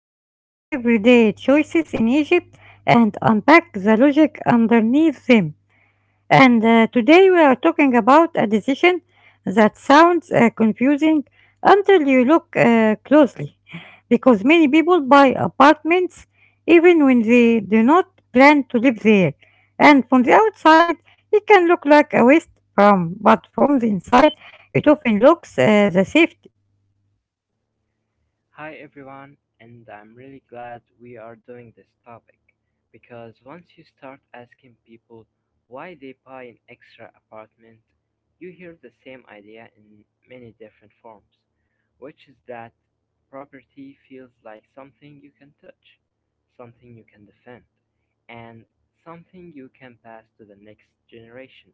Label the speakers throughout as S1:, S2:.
S1: where we take everyday choices in Egypt and unpack the logic underneath them. And Today we are talking about a decision that sounds confusing until you look closely, because many people buy apartments even when they do not plan to live there. And from the outside, it can look like a waste, but from the inside, it often looks the safety.
S2: Hi everyone, and I'm really glad we are doing this topic because once you start asking people why they buy an extra apartment, you hear the same idea in many different forms, which is that property feels like something you can touch, something you can defend, and something you can pass to the next generation.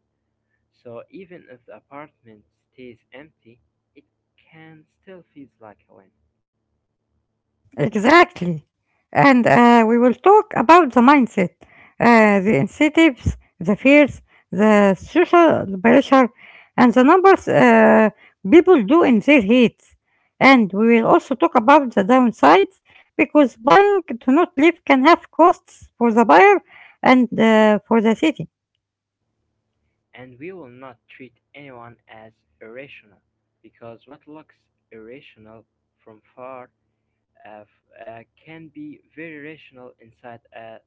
S2: So even if the apartment stays empty, it can still feels like a win.
S1: Exactly. And We will talk about the mindset, the incentives, the fears, the social pressure, and the numbers people do in their heads. And we will also talk about the downsides, because buying to not live can have costs for the buyer and for the city.
S2: And we will not treat anyone as irrational, because what looks irrational from far uh, can be very rational inside a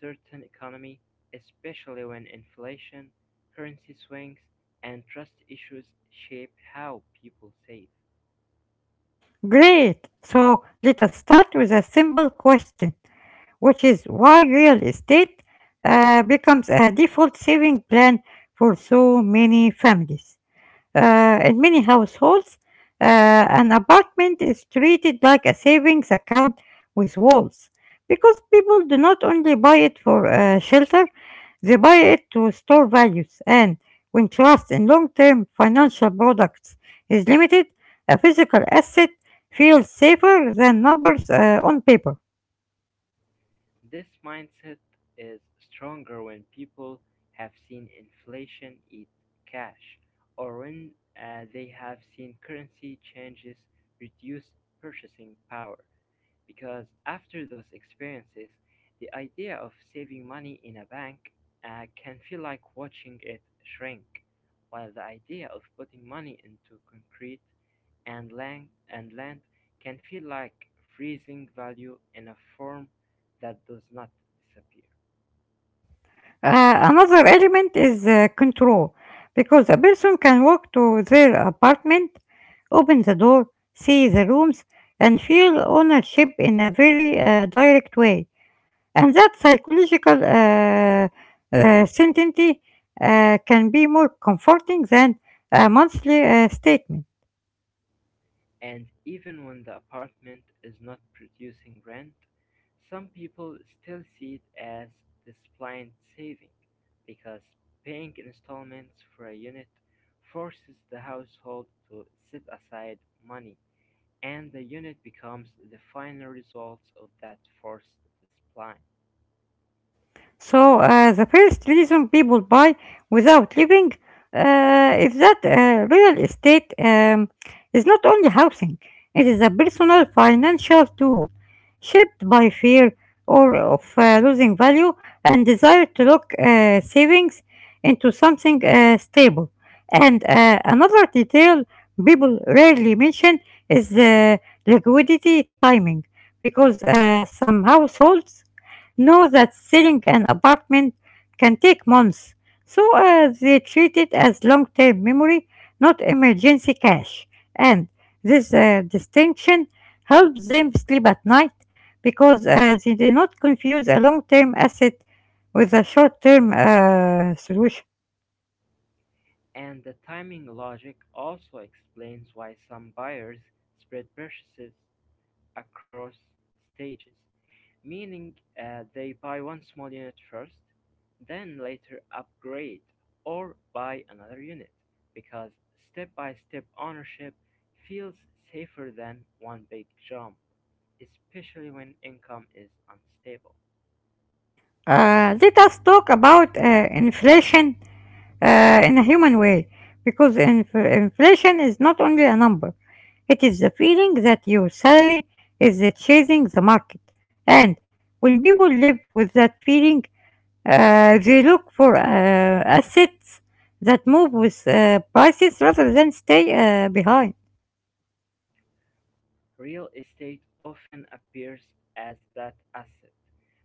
S2: certain economy, especially when inflation, currency swings, and trust issues shape how people save.
S1: Great. So let us start with a simple question, which is why real estate becomes a default saving plan for so many families. In many households, an apartment is treated like a savings account with walls, because people do not only buy it for shelter, they buy it to store values. And when trust in long term financial products is limited, a physical asset feels safer than numbers on paper.
S2: This mindset is stronger when people have seen inflation eat cash or when they have seen currency changes reduce purchasing power. Because after those experiences, the idea of saving money in a bank can feel like watching it shrink, while the idea of putting money into concrete and length can feel like freezing value in a form that does not disappear.
S1: Another element is control, because a person can walk to their apartment, open the door, see the rooms, and feel ownership in a very direct way. And that psychological certainty can be more comforting than a monthly statement.
S2: And even when the apartment is not producing rent, some people still see it as this blind saving because paying installments for a unit forces the household to set aside money and the unit becomes the final result of that forced discipline.
S1: So the first reason people buy without living is that real estate is not only housing; it is a personal financial tool shaped by fear or of losing value, and desire to lock savings into something stable. And Another detail people rarely mention is liquidity timing, because some households know that selling an apartment can take months, so they treat it as long term memory, not emergency cash. And this distinction helps them sleep at night, because they do not confuse a long term asset with a short term solution.
S2: And the timing logic also explains why some buyers spread purchases across stages, meaning they buy one small unit first, then later upgrade or buy another unit, because step by step ownership feels safer than one big jump, especially when income is unstable.
S1: Let us talk about inflation in a human way, because inflation is not only a number, it is the feeling that your salary is chasing the market. And when people live with that feeling, they look for assets that move with prices rather than stay behind.
S2: Real estate often appears as that asset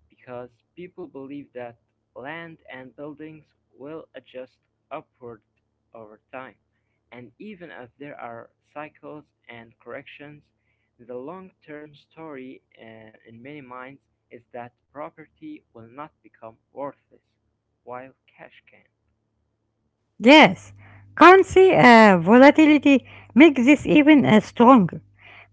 S2: because people believe that land and buildings will adjust upward over time. And even if there are cycles and corrections, the long term story in many minds is that property will not become worthless while cash can.
S1: Yes, currency volatility makes this even stronger,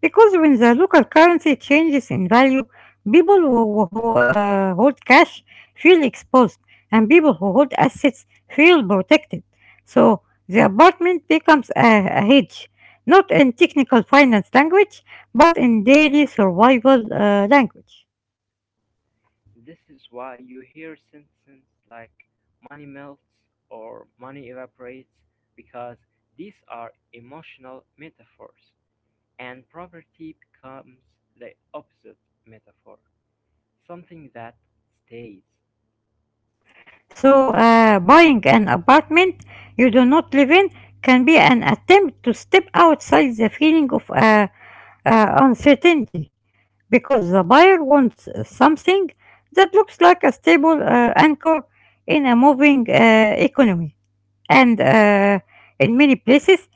S1: because when the local currency changes in value, people who hold cash feel exposed, and people who hold assets feel protected. So the apartment becomes a hedge, not in technical finance language, but in daily survival language.
S2: This is why you hear sentences like money melts or money evaporates because these are emotional metaphors and poverty becomes the opposite metaphor, something that stays.
S1: So, buying an apartment you do not live in can be an attempt to step outside the feeling of uncertainty, because the buyer wants something that looks like a stable anchor in a moving economy. And In many places,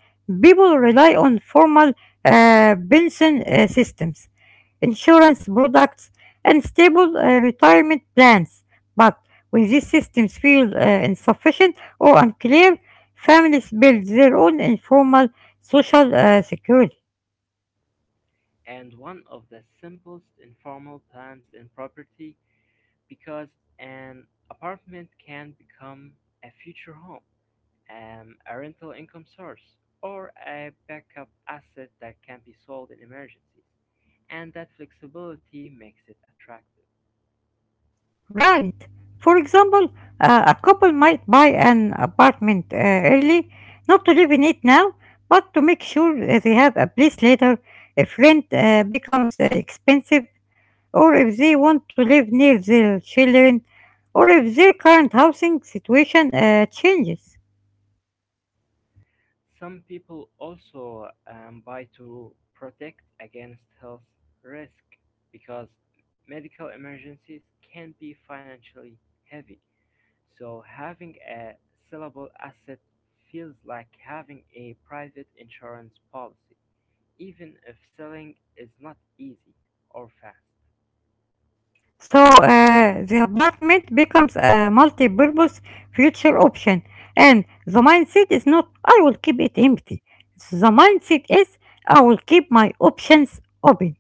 S1: people rely on formal pension systems, insurance products, and stable retirement plans. But when these systems feel insufficient or unclear, families build their own informal social security.
S2: And one of the simplest informal plans in property because an apartment can become a future home. A rental income source, or a backup asset that can be sold in emergencies, and that flexibility makes it attractive.
S1: Right. For example, a couple might buy an apartment early, not to live in it now, but to make sure they have a place later if rent becomes expensive, or if they want to live near their children, or if their current housing situation changes.
S2: Some people also buy to protect against health risk because medical emergencies can be financially heavy. So having a sellable asset feels like having a private insurance policy, even if selling is not easy or fast.
S1: So the apartment becomes a multi-purpose future option, and the mindset is not "I will keep it empty." The mindset is "I will keep my options open."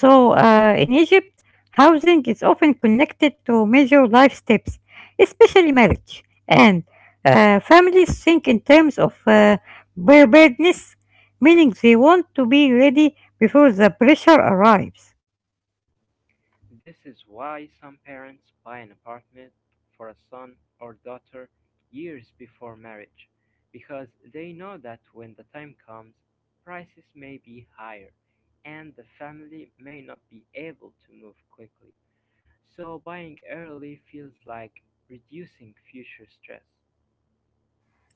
S1: So in Egypt, housing is often connected to major life steps, especially marriage, and families think in terms of preparedness, meaning they want to be ready before the pressure arrives.
S2: This is why some parents buy an apartment for a son or daughter years before marriage, because they know that when the time comes, prices may be higher and the family may not be able to move quickly. So buying early feels like reducing future stress.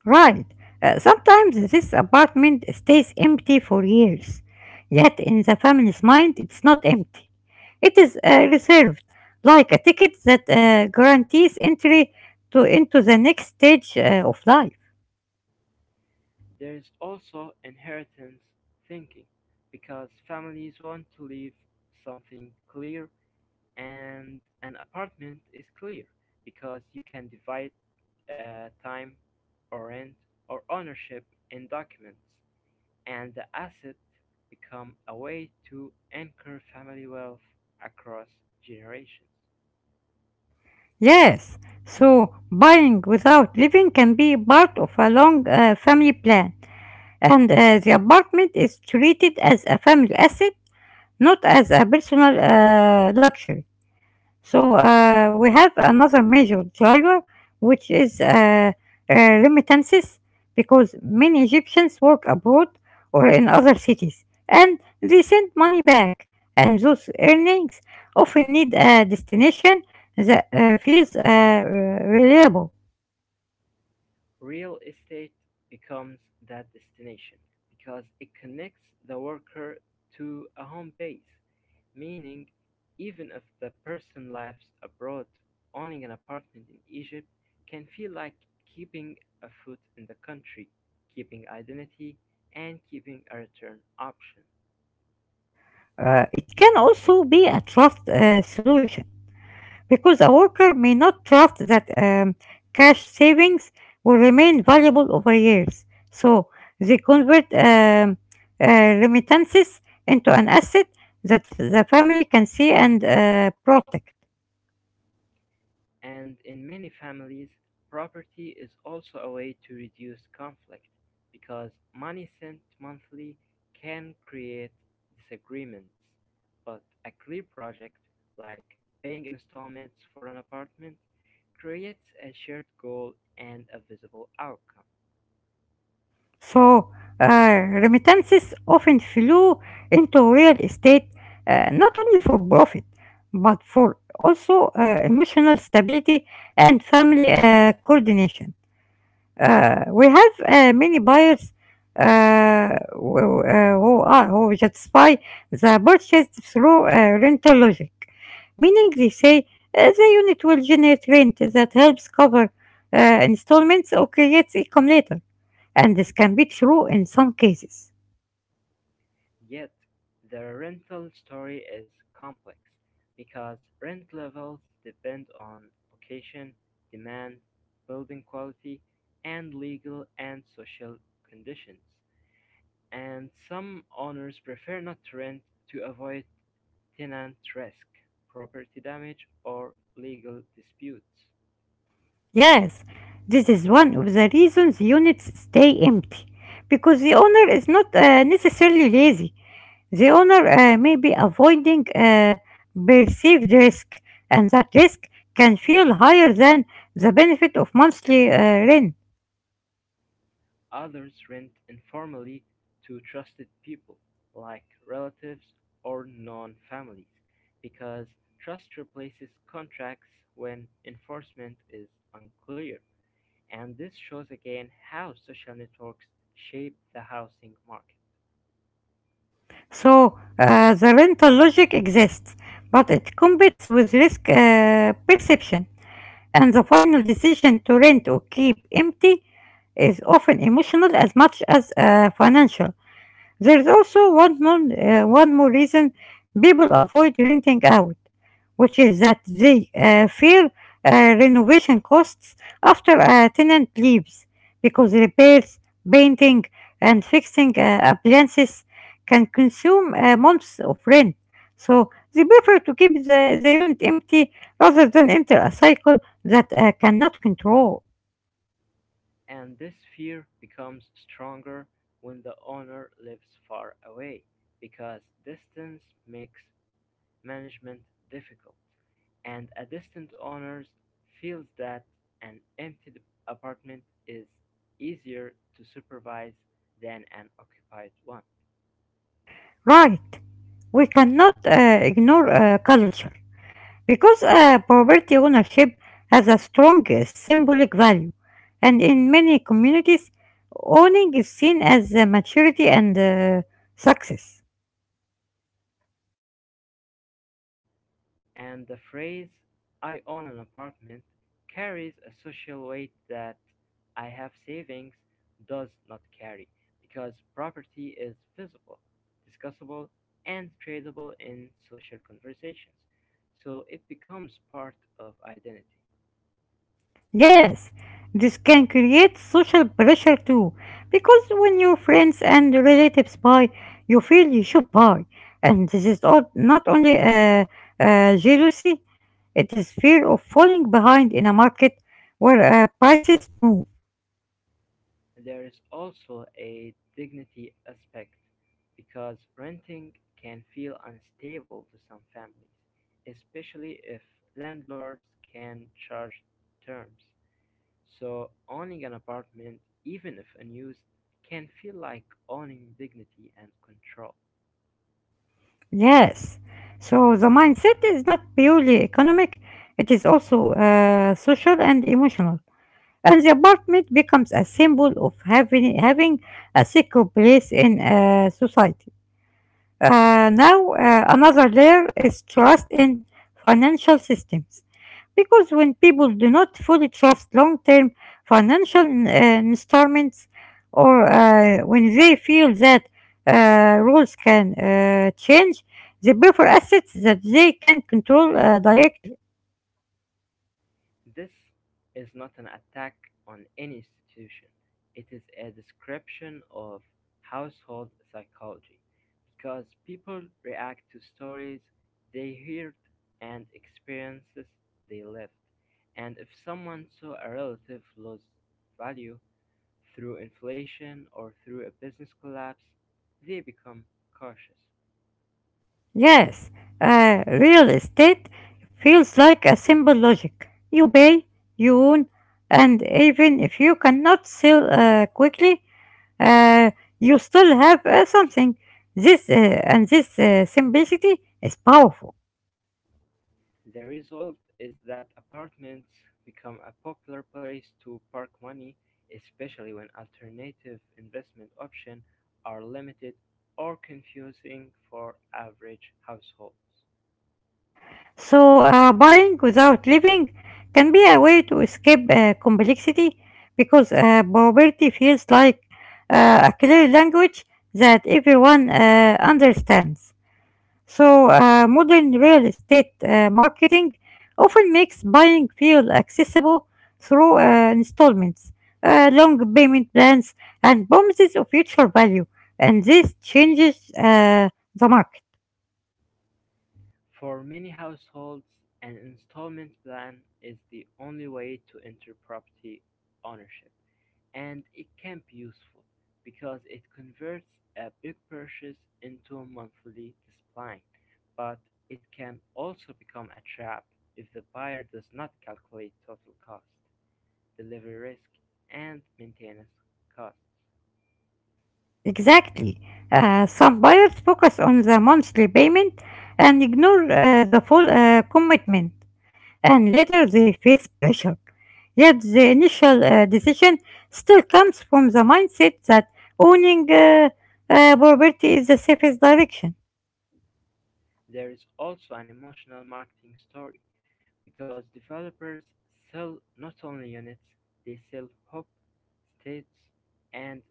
S1: Right. Sometimes this apartment stays empty for years, yet in the family's mind it's not empty. It is reserved, like a ticket that guarantees entry to into the next stage of life.
S2: There is also inheritance thinking because families want to leave something clear and an apartment is clear because you can divide time or rent or ownership in documents and the asset become a way to anchor family wealth across generations.
S1: Yes, so buying without living can be part of a long family plan, and the apartment is treated as a family asset, not as a personal luxury. So we have another major driver, which is remittances, because many Egyptians work abroad or in other cities, and they send money back. And those earnings often need a destination that feels reliable.
S2: Real estate becomes that destination because it connects the worker to a home base, meaning even if the person lives abroad, owning an apartment in Egypt can feel like keeping a foot in the country, keeping identity, and keeping a return option.
S1: It can also be a trust solution, because a worker may not trust that cash savings will remain valuable over years. So they convert remittances into an asset that the family can see and protect.
S2: And in many families, property is also a way to reduce conflict because money sent monthly can create disagreements. But a clear project, like paying installments for an apartment, creates a shared goal and a visible outcome.
S1: So remittances often flew into real estate not only for profit but for also emotional stability and family coordination. We have many buyers who justify the purchase through rental logic, meaning they say the unit will generate rent that helps cover uh, installments or creates income later, and this can be true in some cases.
S2: Yet, the rental story is complex because rent levels depend on location, demand, building quality, and legal and social conditions. And some owners prefer not to rent to avoid tenant risk, property damage, or legal disputes.
S1: Yes, this is one of the reasons units stay empty, because the owner is not necessarily lazy. The owner may be avoiding perceived risk, and that risk can feel higher than the benefit of monthly rent.
S2: Others rent informally to trusted people, like relatives or non-families, because trust replaces contracts when enforcement is unclear. And this shows again how social networks shape the housing market.
S1: So the rental logic exists, but it competes with risk perception, and the final decision to rent or keep empty is often emotional as much as financial. There is also one more reason people avoid renting out, which is that they fear uh, renovation costs after a tenant leaves, because repairs, painting, and fixing appliances can consume months of rent. So they prefer to keep the unit empty rather than enter a cycle that cannot control.
S2: And this fear becomes stronger when the owner lives far away, because distance makes management difficult. And a distant owner feels that an empty apartment is easier to supervise than an occupied one.
S1: Right, we cannot ignore culture. Because property ownership has a strong symbolic value, and in many communities, owning is seen as maturity and success.
S2: And the phrase, I own an apartment, carries a social weight that I have savings does not carry because property is visible, discussable, and tradable in social conversations, so it becomes part of identity.
S1: Yes, this can create social pressure too, because when your friends and relatives buy, you feel you should buy, and this is all, not only jealousy, it is fear of falling behind in a market where prices move.
S2: There is also a dignity aspect, because renting can feel unstable to some families, especially if landlords can charge terms. So, owning an apartment, even if unused, can feel like owning dignity and control.
S1: Yes. So the mindset is not purely economic, it is also social and emotional. And the apartment becomes a symbol of having a secure place in society. Now, another layer is trust in financial systems. Because when people do not fully trust long term financial instruments, or when they feel that rules can change, they prefer assets that they can control directly.
S2: This is not an attack on any institution, it is a description of household psychology, because people react to stories they heard and experiences they lived. And if someone saw a relative lose value through inflation or through a business collapse, they become cautious.
S1: Yes, real estate feels like a simple logic. You pay, you own, and even if you cannot sell quickly, uh, you still have something. This uh, this simplicity is powerful.
S2: The result is that apartments become a popular place to park money, especially when alternative investment options are limited or confusing for average households.
S1: So buying without living can be a way to escape complexity, because probability feels like a clear language that everyone understands. So, modern real estate marketing often makes buying feel accessible through installments, long payment plans, and promises of future value. And this changes the market.
S2: For many households, an installment plan is the only way to enter property ownership. And it can be useful because it converts a big purchase into a monthly discipline, but it can also become a trap if the buyer does not calculate total cost, delivery risk, and maintenance costs.
S1: Exactly. Some buyers focus on the monthly payment and ignore the full commitment, and later they face pressure. Yet the initial decision still comes from the mindset that owning property is the safest direction.
S2: There is also an emotional marketing story because developers sell not only units, they sell hope, states, and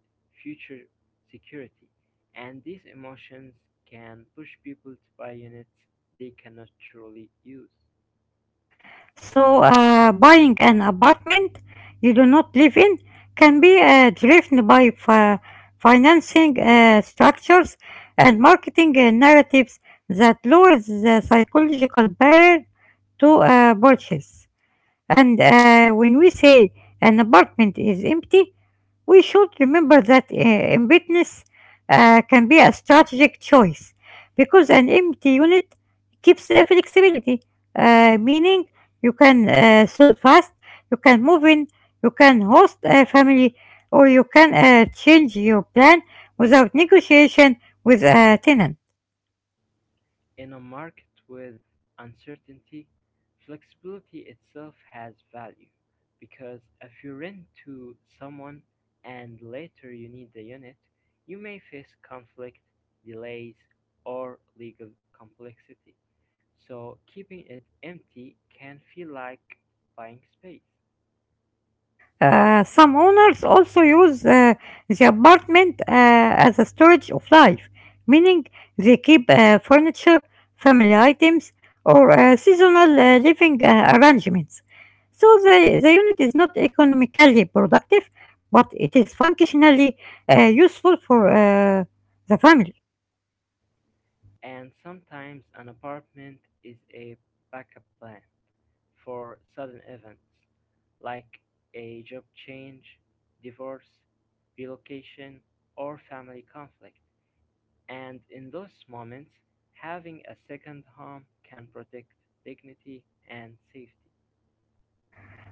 S2: future security, and these emotions can push people to buy units they cannot truly use.
S1: So, buying an apartment you do not live in can be driven by financing structures and marketing narratives that lowers the psychological barrier to purchase. And When we say an apartment is empty, we should remember that emptiness can be a strategic choice, because an empty unit keeps flexibility, meaning you can sell fast, you can move in, you can host a family, or you can change your plan without negotiation with a tenant.
S2: In a market with uncertainty, flexibility itself has value, because if you rent to someone and later you need the unit, you may face conflict, delays, or legal complexity. So keeping it empty can feel like buying space.
S1: Some owners also use the apartment as a storage of life, meaning they keep furniture, family items, or seasonal living arrangements. So the unit is not economically productive, but it is functionally useful for the family.
S2: And sometimes an apartment is a backup plan for sudden events like a job change, divorce, relocation, or family conflict. And in those moments, having a second home can protect dignity and safety.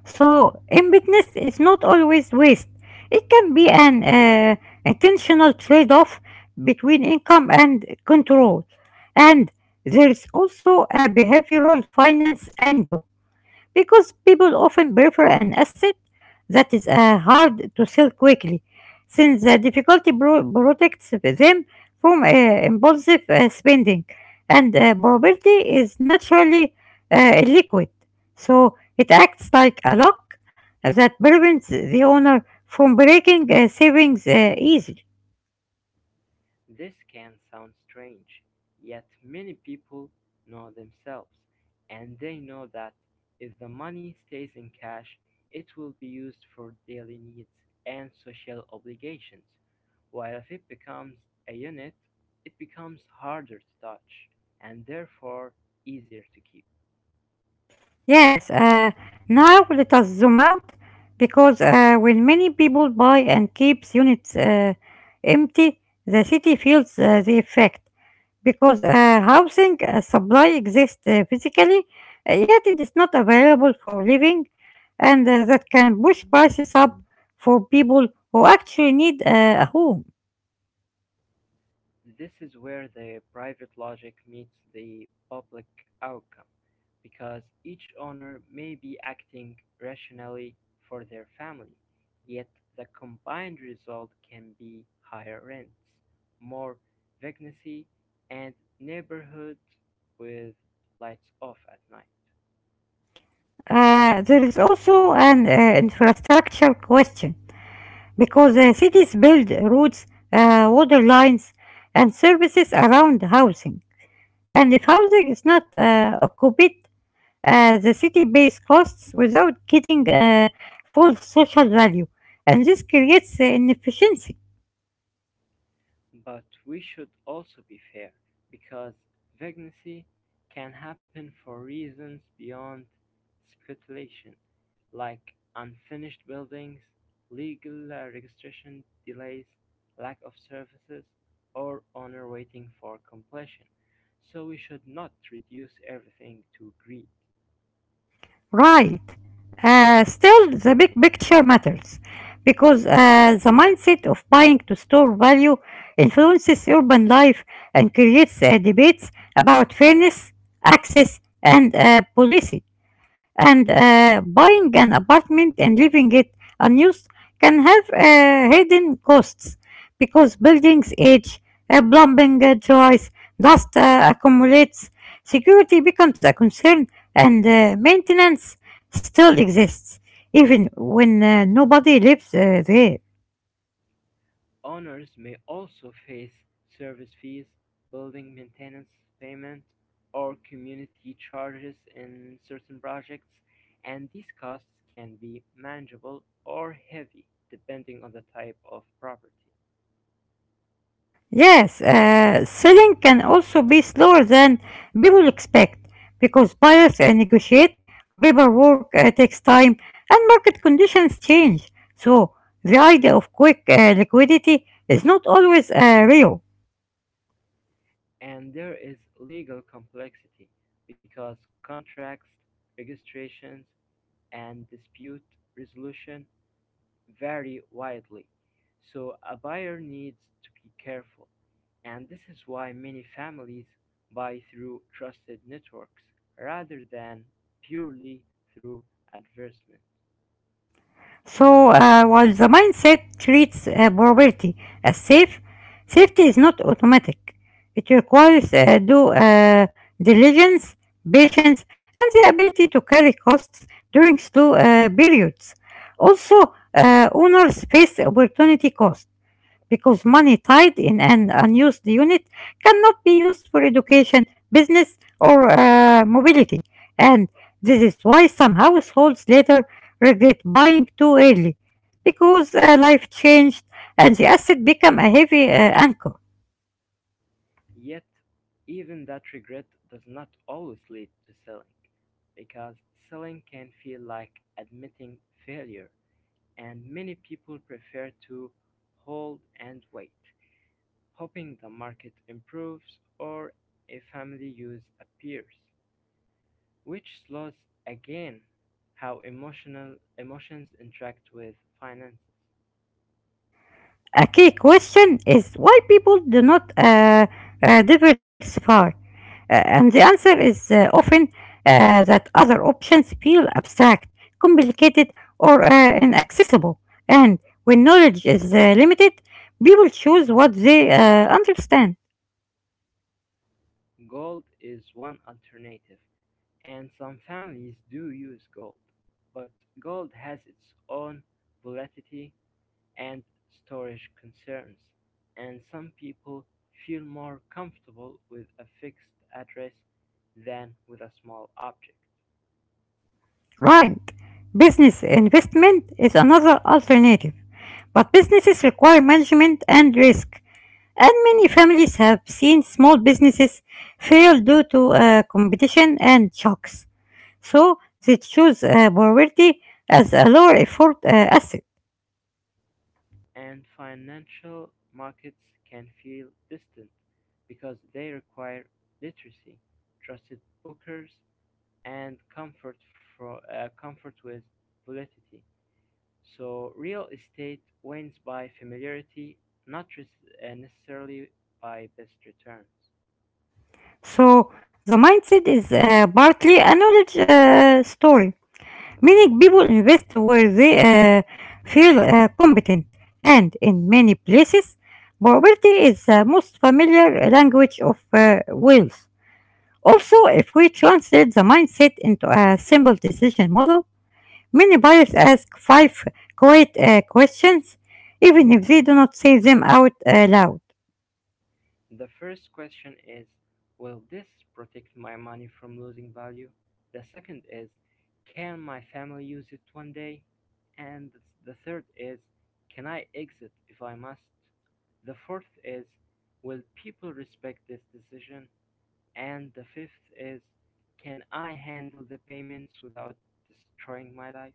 S1: So, emptiness is not always waste. It can be an intentional trade off between income and control. And there is also a behavioral finance angle, because people often prefer an asset that is hard to sell quickly, since the difficulty protects them from impulsive spending, and probability is naturally liquid, so it acts like a lock that prevents the owner from breaking savings easily.
S2: This can sound strange, yet many people know themselves, and they know that if the money stays in cash, it will be used for daily needs and social obligations, while if it becomes a unit, it becomes harder to touch and therefore easier to keep.
S1: Yes, now let us zoom out because when many people buy and keeps units empty, the city feels the effect because housing supply exists physically, yet it is not available for living, and that can push prices up for people who actually need a home.
S2: This is where the private logic meets the public outcome, because each owner may be acting rationally for their family, yet the combined result can be higher rents, more vacancy, and neighborhoods with lights off at night.
S1: There is also an infrastructure question because cities build roads, water lines, and services around housing. And if housing is not occupied, the city pays costs without getting full social value, and this creates inefficiency.
S2: But we should also be fair, because vacancy can happen for reasons beyond speculation, like unfinished buildings, legal registration delays, lack of services, or honor waiting for completion. So we should not reduce everything to greed.
S1: Right. Still, the big picture matters because the mindset of buying to store value influences urban life and creates debates about fairness, access, and policy. And buying an apartment and leaving it unused can have hidden costs because buildings age, plumbing dries, dust accumulates, security becomes a concern, and maintenance still exists even when nobody lives there.
S2: Owners may also face service fees, building maintenance payment, or community charges in certain projects, and these costs can be manageable or heavy depending on the type of property.
S1: Yes, selling can also be slower than people expect because buyers negotiate, paperwork takes time, and market conditions change. So, the idea of quick liquidity is not always real.
S2: And there is legal complexity because contracts, registrations, and dispute resolution vary widely, so a buyer needs to be careful, and this is why many families buy through trusted networks rather than purely through advertisement.
S1: So, while the mindset treats probability as safe, safety is not automatic. It requires due diligence, patience, and the ability to carry costs during slow periods. Also, owners face opportunity cost because money tied in an unused unit cannot be used for education, business, or mobility. And this is why some households later regret buying too early, because life changed and the asset became a heavy anchor.
S2: Yet, even that regret does not always lead to selling, because selling can feel like admitting failure, and many people prefer to hold and wait, hoping the market improves or a family use appears, which slows again how emotional emotions interact with finances.
S1: A key question is why people do not diversify. And the answer is often that other options feel abstract, complicated, or inaccessible. And when knowledge is limited, people choose what they understand.
S2: Gold is one alternative, and some families do use gold, but gold has its own volatility and storage concerns, and some people feel more comfortable with a fixed address than with a small object.
S1: Right. Business investment is another alternative, but businesses require management and risk. And many families have seen small businesses fail due to competition and shocks. So they choose poverty as a lower effort asset.
S2: And financial markets can feel distant because they require literacy, trusted bookers, and comfort, for comfort with volatility. So, real estate wins by familiarity, not necessarily by best returns.
S1: So the mindset is partly a knowledge story, meaning people invest where they feel competent. And in many places, poverty is the most familiar language of wealth. Also, if we translate the mindset into a simple decision model, many buyers ask five quiet questions, even if they do not say them out loud.
S2: The first question is, will this protect my money from losing value? The second is, can my family use it one day? And the third is, can I exit if I must? The fourth is, will people respect this decision? And the fifth is, can I handle the payments without destroying my life?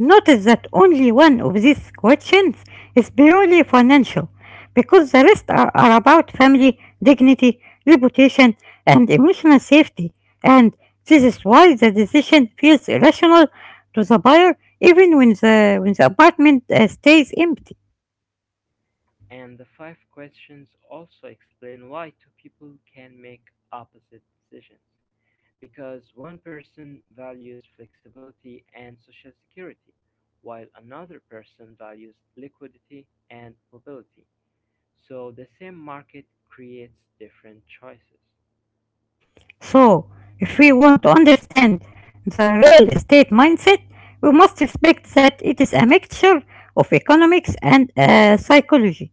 S1: Notice that only one of these questions is purely financial, because the rest are about family, dignity, reputation, and emotional safety. And this is why the decision feels irrational to the buyer, even when the apartment stays empty.
S2: And the five questions also explain why two people can make opposite decisions. Because one person values flexibility and social security, while another person values liquidity and mobility. So the same market creates different choices.
S1: So, if we want to understand the real estate mindset, we must respect that it is a mixture of economics and psychology.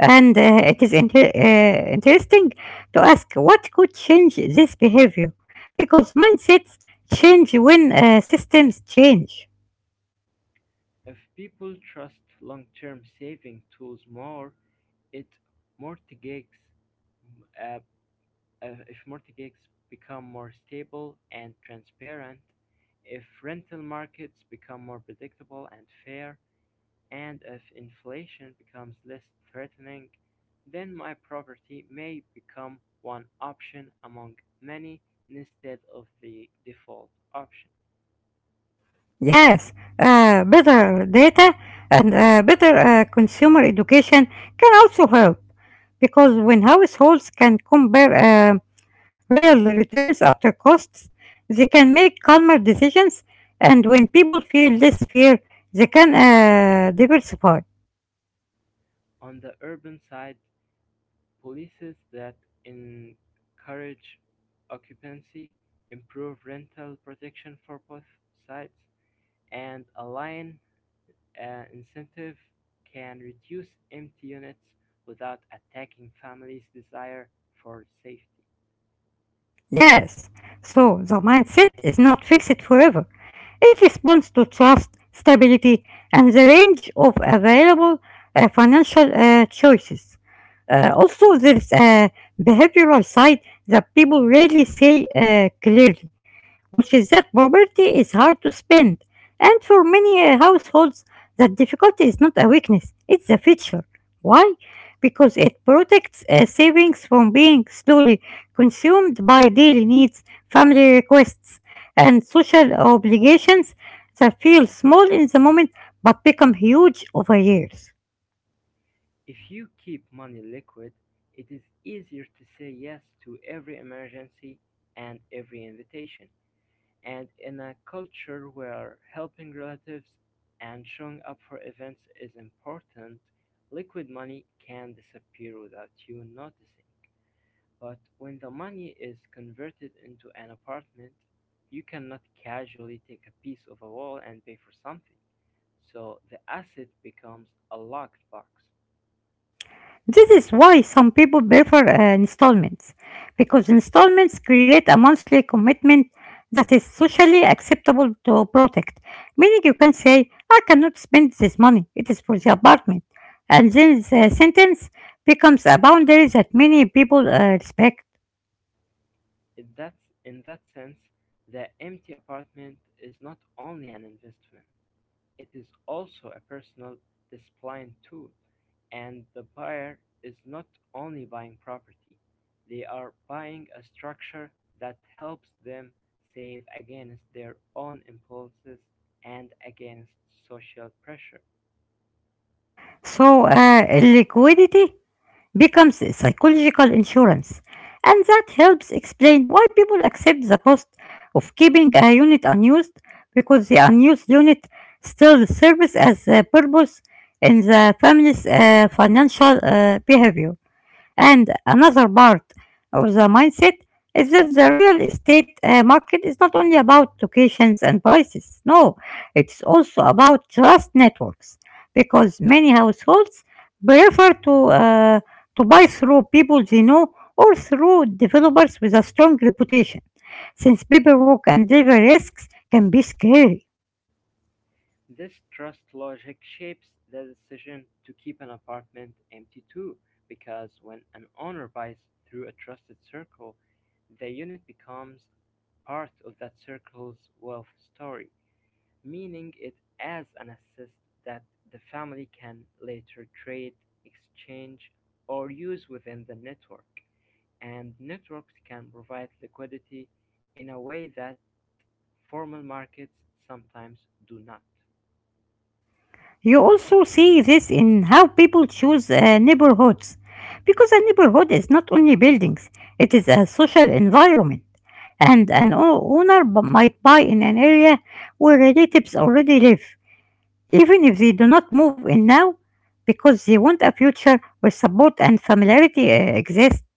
S1: And it is interesting to ask what could change this behavior, because mindsets change when systems change.
S2: If people trust long term saving tools more, it mortgages, uh, uh, if mortgages become more stable and transparent, if rental markets become more predictable and fair, and if inflation becomes less threatening, then my property may become one option among many instead of the default option.
S1: Yes, better data and better consumer education can also help because when households can compare real returns after costs, they can make calmer decisions, and when people feel less fear, they can diversify.
S2: On the urban side, policies that encourage occupancy, improve rental protection for both sides, and align incentive can reduce empty units without attacking families' desire for safety.
S1: Yes, so the mindset is not fixed forever. It responds to trust, stability, and the range of available financial choices. Also, there's a behavioral side that people rarely say clearly, which is that property is hard to spend. And for many households, that difficulty is not a weakness, it's a feature. Why? Because it protects savings from being slowly consumed by daily needs, family requests, and social obligations that feel small in the moment but become huge over years.
S2: If you keep money liquid, it is easier to say yes to every emergency and every invitation. And in a culture where helping relatives and showing up for events is important, liquid money can disappear without you noticing. But when the money is converted into an apartment, you cannot casually take a piece of a wall and pay for something. So the asset becomes a locked box.
S1: This is why some people prefer installments, because installments create a monthly commitment that is socially acceptable to protect, meaning you can say, I cannot spend this money, it is for the apartment. And then the sentence becomes a boundary that many people respect.
S2: That's, In that sense, the empty apartment is not only an investment, it is also a personal discipline tool, and the buyer is not only buying property, they are buying a structure that helps them save against their own impulses and against social pressure.
S1: So, liquidity becomes a psychological insurance, and that helps explain why people accept the cost of keeping a unit unused because the unused unit still serves as a purpose in the family's financial behavior. And another part of the mindset is that the real estate market is not only about locations and prices. No, it's also about trust networks because many households prefer uh, to buy through people they know or through developers with a strong reputation, since paperwork and legal risks can be scary.
S2: This trust logic shapes the decision to keep an apartment empty too, because when an owner buys through a trusted circle, the unit becomes part of that circle's wealth story, meaning it as an asset that the family can later trade, exchange, or use within the network. And networks can provide liquidity in a way that formal markets sometimes do not.
S1: You also see this in how people choose neighborhoods, because a neighborhood is not only buildings, it is a social environment. And an might buy in an area where relatives already live, even if they do not move in now, because they want a future where support and familiarity exist.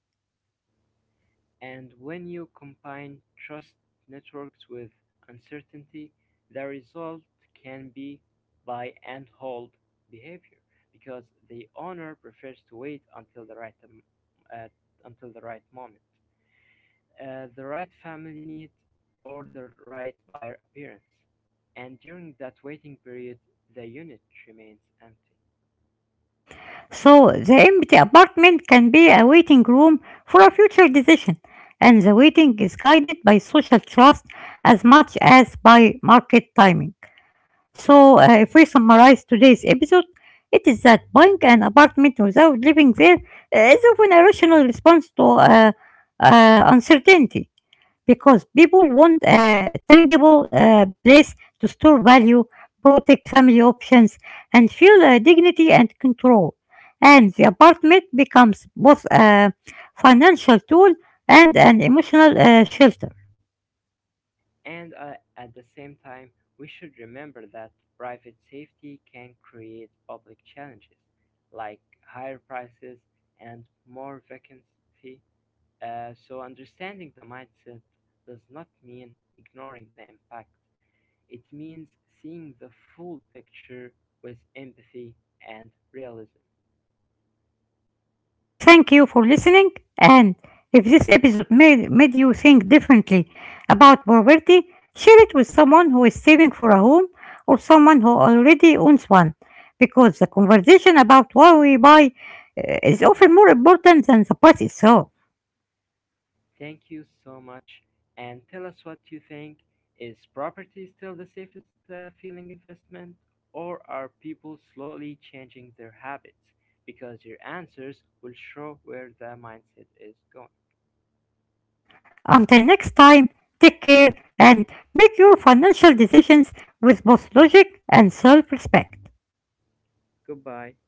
S2: And when you combine trust networks with uncertainty, the result can be buy and hold behavior because the owner prefers to wait uh, until the right moment, the right family need, or the right buyer appearance. And during that waiting period, the unit remains empty.
S1: So the empty apartment can be a waiting room for a future decision, and the waiting is guided by social trust as much as by market timing. So, if we summarize today's episode, it is that buying an apartment without living there is often a rational response to uncertainty because people want a tangible place to store value, protect family options, and feel dignity and control. And the apartment becomes both a financial tool and an emotional shelter.
S2: And at the same time, we should remember that private safety can create public challenges like higher prices and more vacancy. So, understanding the mindset does not mean ignoring the impact, it means seeing the full picture with empathy and realism.
S1: Thank you for listening. And if this episode made you think differently about poverty, share it with someone who is saving for a home or someone who already owns one. Because the conversation about what we buy is often more important than the price itself.
S2: Thank you so much. And tell us what you think. Is property still the safest feeling investment, or are people slowly changing their habits? Because your answers will show where the mindset is going.
S1: Until next time, take care and make your financial decisions with both logic and self respect.
S2: Goodbye.